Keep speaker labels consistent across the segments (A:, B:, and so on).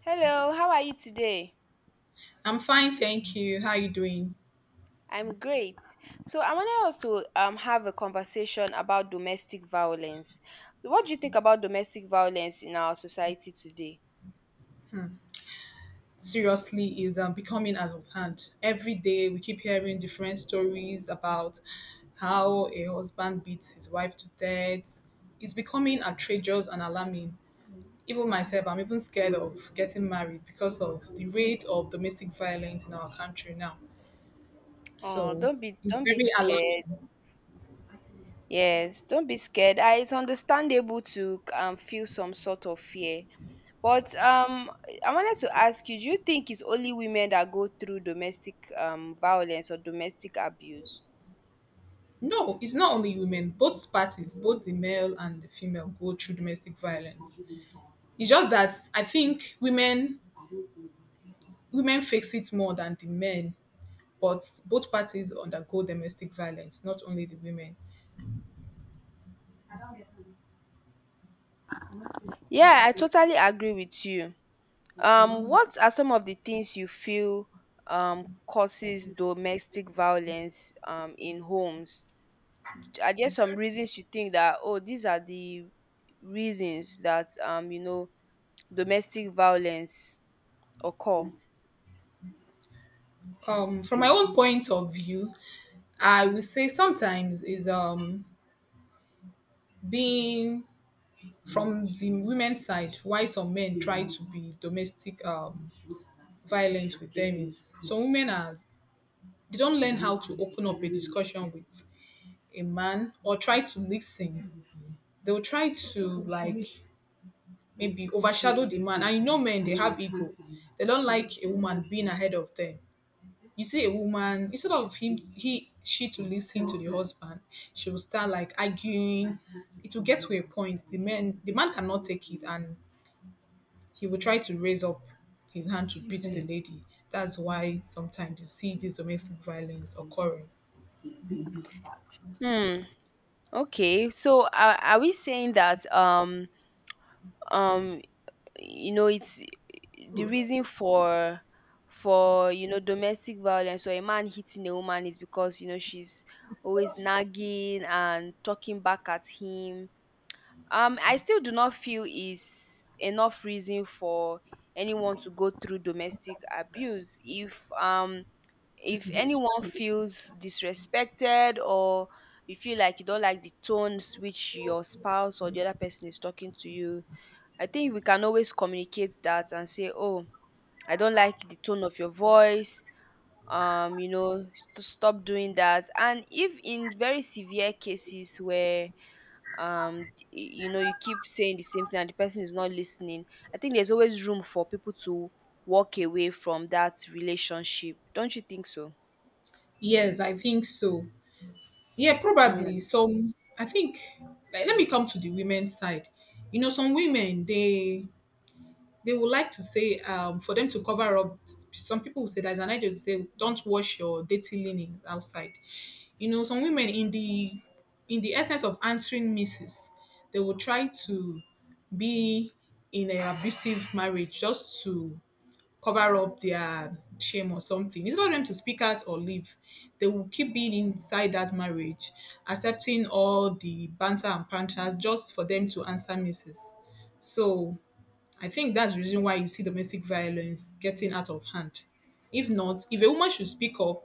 A: Hello, how are you today?
B: I'm fine, thank you. How are you doing?
A: I'm great. So I wanted us to have a conversation about domestic violence. What do you think about domestic violence in our society today?
B: Seriously, it's becoming out of hand. Every day we keep hearing different stories about how a husband beats his wife to death. It's becoming outrageous and alarming. Even myself, I'm even scared of getting married because of the rate of domestic violence in our country now.
A: Oh,
B: So
A: don't be
B: it's
A: don't be
B: very
A: scared.
B: alarming.
A: Yes, don't be scared. Ah, it's understandable to feel some sort of fear. But I wanted to ask you, do you think it's only women that go through domestic violence or domestic abuse?
B: No, it's not only women. Both parties, both the male and the female, go through domestic violence. It's just that I think women face it more than the men, but both parties undergo domestic violence, not only the women.
A: Yeah, I totally agree with you. What are some of the things you feel causes domestic violence in homes? Are there some reasons you think that, oh, these are the reasons that, domestic violence occur?
B: From my own point of view, I would say sometimes is being from the women's side why some men try to be domestic violent with them is some women are they don't learn how to open up a discussion with a man or try to listen. They'll try to like maybe overshadow the man. And you know men they have ego. They don't like a woman being ahead of them. You see a woman instead of him he she to listen to the husband, she will start like arguing. It will get to a point the man cannot take it and he will try to raise up his hand to beat the lady. That's why sometimes you see this domestic violence occurring.
A: Hmm. Okay. So are we saying that um you know it's the reason for you know domestic violence or a man hitting a woman is because you know she's always nagging and talking back at him? I still do not feel is enough reason for anyone to go through domestic abuse. If if anyone feels disrespected or you feel like you don't like the tones which your spouse or the other person is talking to you, I think we can always communicate that and say, "Oh, I don't like the tone of your voice. Um, you know, to stop doing that." And if in very severe cases where um you know you keep saying the same thing and the person is not listening, I think there's always room for people to walk away from that relationship. Don't you think so?
B: Yes, I think so. Yeah, probably.
A: Mm.
B: Some, I think, like, let me come to the women's side. You know, some women they would like to say for them to cover up. Some people will say that, and I just say don't wash your dirty linens outside. You know, some women in the essence of answering misses, they will try to be in an abusive marriage just to cover up their shame or something. Instead of them to speak out or leave, they will keep being inside that marriage, accepting all the banter and panters just for them to answer misses. So I think that's the reason why you see domestic violence getting out of hand. If not, if a woman should speak up,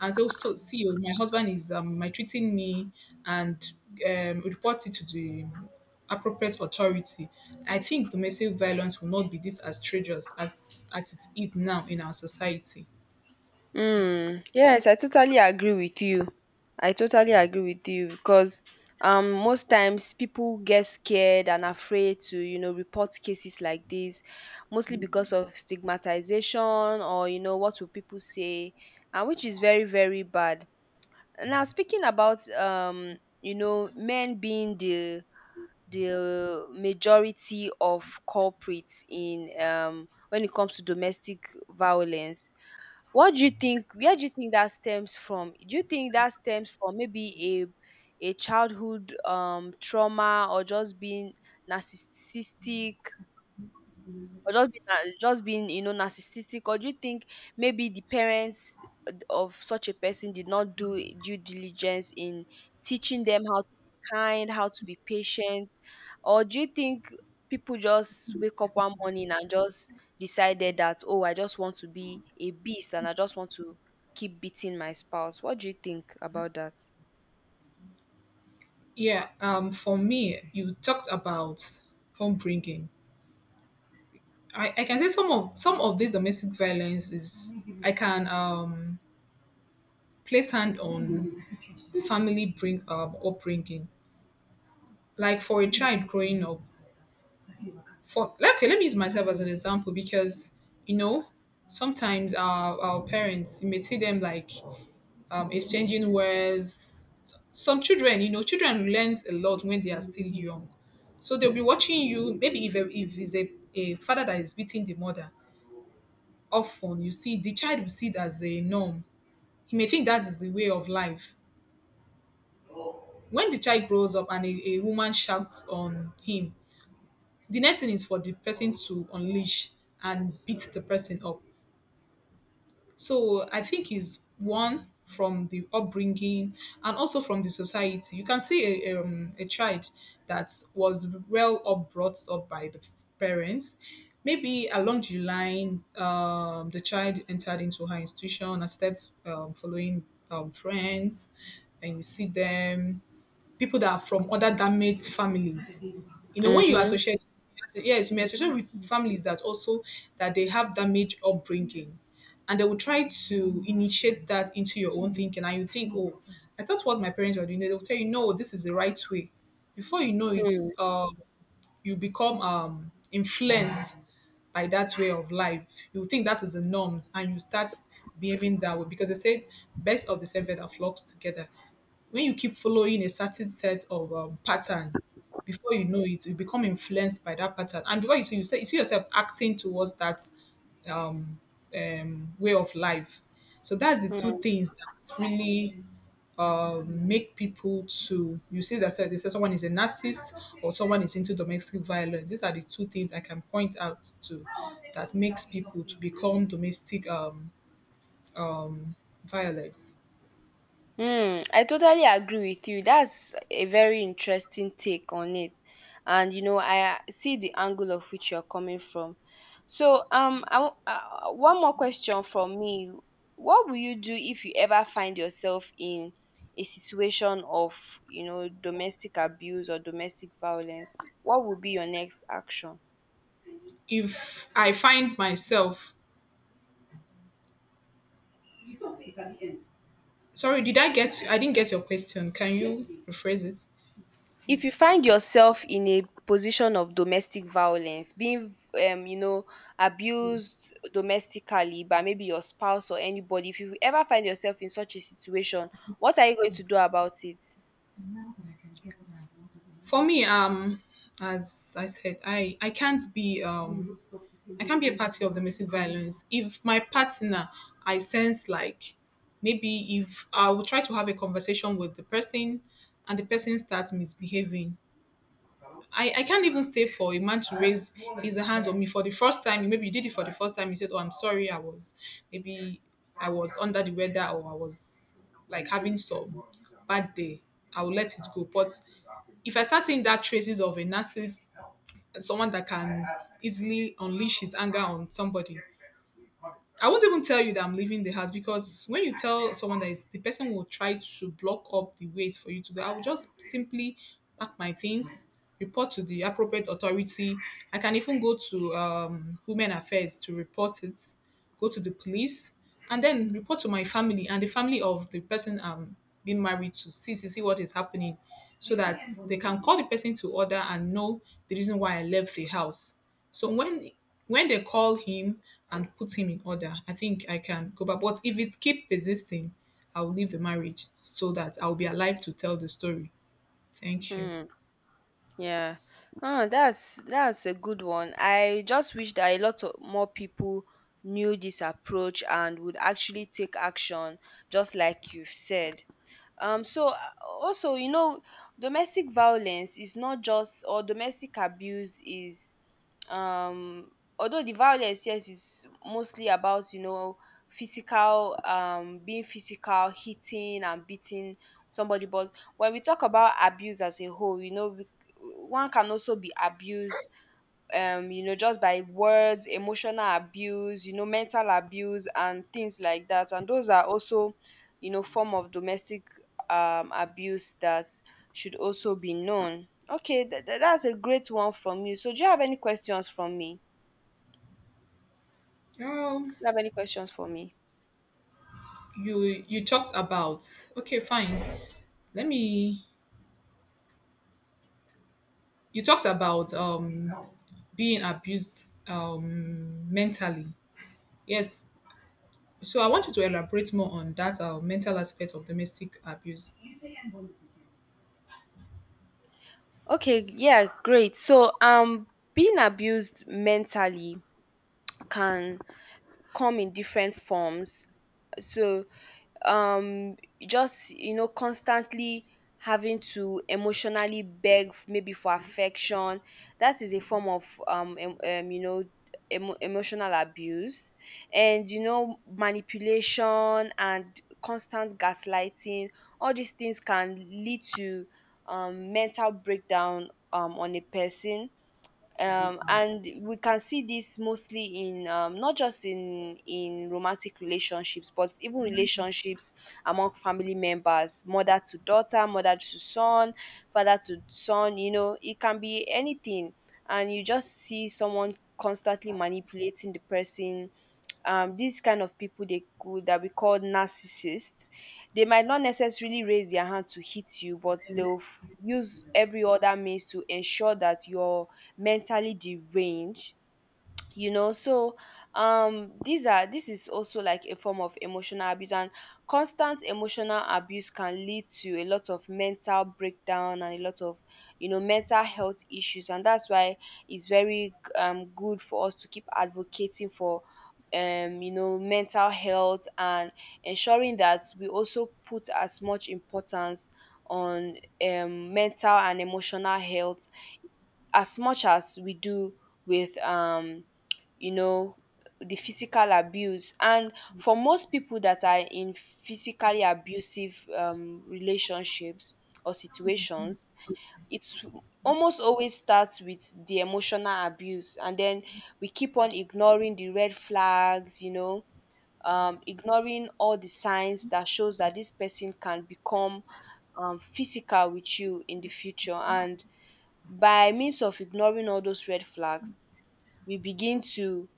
B: and say, "Oh, so see, oh, my husband is maltreating me," and report it to the appropriate authority. I think domestic violence will not be this outrageous as it is now in our society.
A: Mm, yes, I totally agree with you. I totally agree with you because most times people get scared and afraid to, you know, report cases like this, mostly because of stigmatization or you know what will people say, and which is very very bad. Now speaking about you know men being the majority of culprits in when it comes to domestic violence, what do you think? Where do you think that stems from? Do you think that stems from maybe a childhood trauma or just being narcissistic, or just being na just being, you know, narcissistic? Or do you think maybe the parents of such a person did not do due diligence in teaching them how to be kind, how to be patient? Or do you think people just wake up one morning and just decided that, oh, I just want to be a beast and I just want to keep beating my spouse? What do you think about that?
B: Yeah, for me, you talked about homebringing. I can say some of this domestic violence is I can place hand on family bring upbringing. Like for a child growing up, for let- okay let me use myself as an example because you know sometimes our parents you may see them like exchanging words some children you know children learns a lot when they are still young so they'll be watching you maybe if it's a father that is beating the mother often you see the child will see it as a norm. He may think that is the way of life. When the child grows up and a woman shouts on him the next thing is for the person to unleash and beat the person up. So I think it's one from the upbringing and also from the society. You can see a child that was well up brought up by the parents. Maybe along the line, the child entered into her institution and started following friends, and you see them people that are from other damaged families. You know, when you
A: Mm-hmm.
B: associate, yes, me especially with families that also that they have damaged upbringing, and they will try to initiate that into your own thinking, and you think, oh, I thought what my parents were doing. They will tell you, no, this is the right way. Before you know it, uh, you become influenced by that way of life. You think that is the norm, and you start behaving that way because they said, "Best of the seven that flocks together." When you keep following a certain set of pattern, before you know it you become influenced by that pattern and before you see yourself acting towards that um, way of life. So that's the two things that really make people to they say someone is a narcissist or someone is into domestic violence. These are the two things I can point out to that makes people to become domestic violence.
A: Hmm, I totally agree with you. That's a very interesting take on it. And you know, I see the angle of which you're coming from. So, one more question from me. What will you do if you ever find yourself in a situation of, you know, domestic abuse or domestic violence? What would be your next action?
B: If I find myself, sorry, did I get? I didn't get your question. Can you rephrase it?
A: If you find yourself in a position of domestic violence, being you know abused domestically by maybe your spouse or anybody, if you ever find yourself in such a situation, what are you going to do about it?
B: For me, as I said, I can't be a party of domestic violence. If my partner, I sense like maybe if I will try to have a conversation with the person, and the person starts misbehaving, I can't even stay for a man to raise his hands on me for the first time. Maybe you did it for the first time. You said, "Oh, I'm sorry. I was maybe I was under the weather or I was like having some bad day. I will let it go." But if I start seeing that traces of a narcissist, someone that can easily unleash his anger on somebody, I won't even tell you that I'm leaving the house because when you tell someone that is the person will try to block up the ways for you to go. I will just simply pack my things, report to the appropriate authority. I can even go to Women Affairs to report it, go to the police, and then report to my family and the family of the person I'm being married to see what is happening, so that they can call the person to order and know the reason why I left the house. So when they call him and put him in order, I think I can go back. But if it keep persisting, I will leave the marriage so that I will be alive to tell the story. Thank you.
A: Hmm. Yeah. Oh, that's a good one. I just wish that a lot of more people knew this approach and would actually take action, just like you've said. Um, so uh, also, you know, domestic violence is not just, or domestic abuse is um although the violence, yes, is mostly about you know physical, being physical hitting and beating somebody, but when we talk about abuse as a whole, you know, one can also be abused you know, just by words, emotional abuse, you know, mental abuse and things like that. And those are also, you know, form of domestic abuse that should also be known. Okay, that's a great one from you. So do you have any questions from me? Do
B: Oh,
A: you have any questions for me?
B: you you talked about okay, fine. Let me. You talked about being abused mentally. Yes. So I want you to elaborate more on that mental aspect of domestic abuse.
A: Okay, yeah, great. So being abused mentally can come in different forms. So um just you know constantly having to emotionally maybe for affection, that is a form of you know emotional abuse, and you know manipulation and constant gaslighting, all these things can lead to mental breakdown on a person. And we can see this mostly in not just in romantic relationships, but even relationships among family members, mother to daughter, mother to son, father to son, you know it can be anything. And you just see someone constantly manipulating the person. These kind of people, they could, that we call narcissists, they might not necessarily raise their hand to hit you, but they'll use every other means to ensure that your mentally deranged, you know. So these are, this is also like a form of emotional abuse, and constant emotional abuse can lead to a lot of mental breakdown and a lot of, you know, mental health issues. And that's why it's very good for us to keep advocating for you know mental health, and ensuring that we also put as much importance on mental and emotional health as much as we do with you know the physical abuse. And for most people that are in physically abusive relationships or situations, it's almost always starts with the emotional abuse. And then we keep on ignoring the red flags, you know, ignoring all the signs that shows that this person can become physical with you in the future. And by means of ignoring all those red flags, we begin to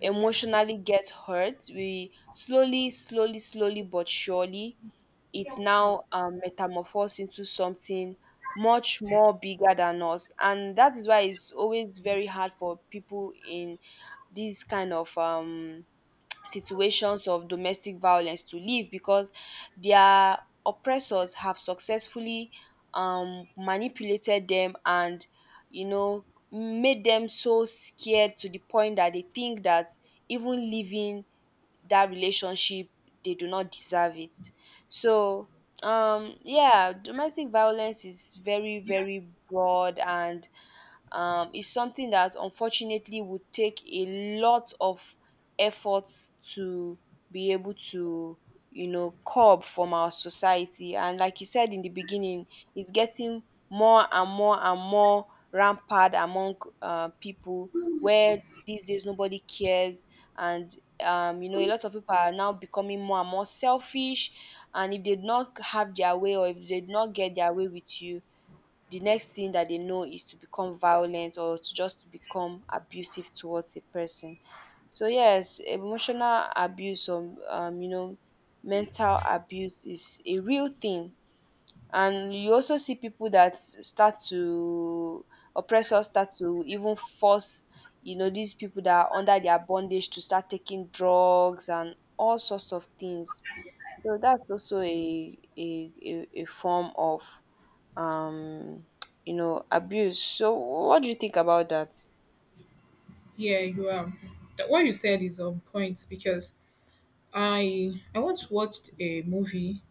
A: emotionally get hurt. We slowly, slowly, slowly, but surely, it now metamorphoses into something much more bigger than us. And that is why it's always very hard for people in this kind of situations of domestic violence to leave, because their oppressors have successfully manipulated them and you know made them so scared to the point that they think that even leaving that relationship, they do not deserve it. So yeah, domestic violence is very very broad, and is something that unfortunately would take a lot of effort to be able to you know curb from our society. And like you said in the beginning, it's getting more and more and more rampant among people, where these days nobody cares. And you know a lot of people are now becoming more and more selfish, and if they did not have their way, or if they did not get their way with you, the next thing that they know is to become violent, or to just to become abusive towards a person. So yes, emotional abuse, or you know, mental abuse is a real thing. And you also see people that start to, oppressors start to even force, you know, these people that are under their bondage to start taking drugs and all sorts of things. So that's also a form of um, you know, abuse. So what do you think about that?
B: Yeah, you are. That what you said is on point because I once watched a movie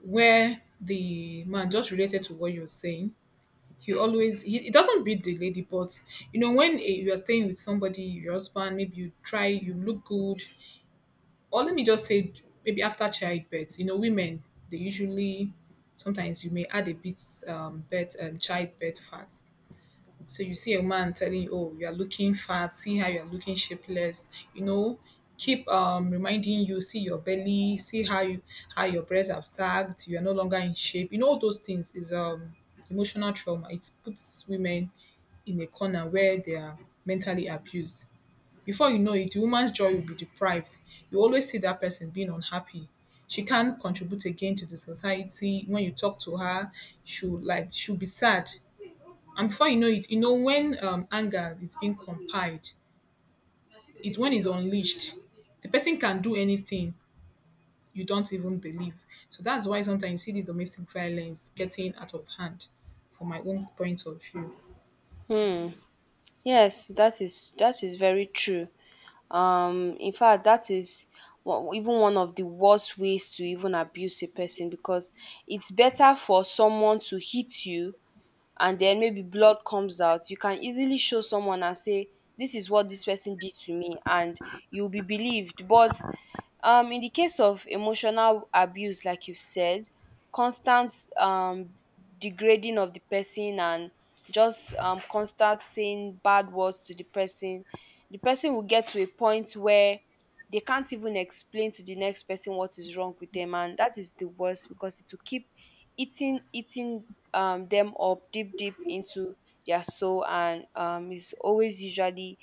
B: where the man just related to what you're saying. He doesn't beat the lady, but you know when you are staying with somebody, your husband, maybe you try, you look good, or let me just say maybe after childbirth. You know, women they usually sometimes you may add a bit birth childbirth fat, so you see a man telling you, oh, you are looking fat, see how you are looking shapeless, you know, keep reminding you, see your belly, see how you how your breasts have sagged, you are no longer in shape. You know, all those things is emotional trauma. It puts women in a corner where they are mentally abused. Before you know it, the woman's joy will be deprived. You always see that person being unhappy. She can't contribute again to the society. When you talk to her, she'll be sad. And before you know it, you know, when anger is being compiled, it's when it's unleashed. The person can do anything you don't even believe. So that's why sometimes you see this domestic violence getting out of hand, from my own point of view.
A: Yes, that is very true. In fact, that is even one of the worst ways to even abuse a person, because it's better for someone to hit you and then maybe blood comes out, you can easily show someone and say, "This is what this person did to me," and you'll be believed. But in the case of emotional abuse, like you said, constant um, degrading of the person, and just constant saying bad words to the person will get to a point where they can't even explain to the next person what is wrong with them. And that is the worst, because it will keep eating eating them up deep deep into their soul. And it's always usually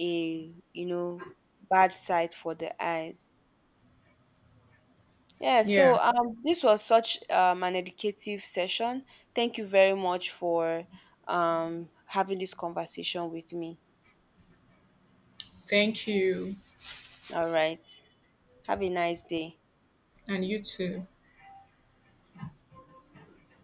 A: a you know bad sight for the eyes. Yeah,
B: Yeah.
A: so this was such an educative session. Thank you very much for having this conversation with me.
B: Thank you.
A: All right, have a nice day.
B: And you too.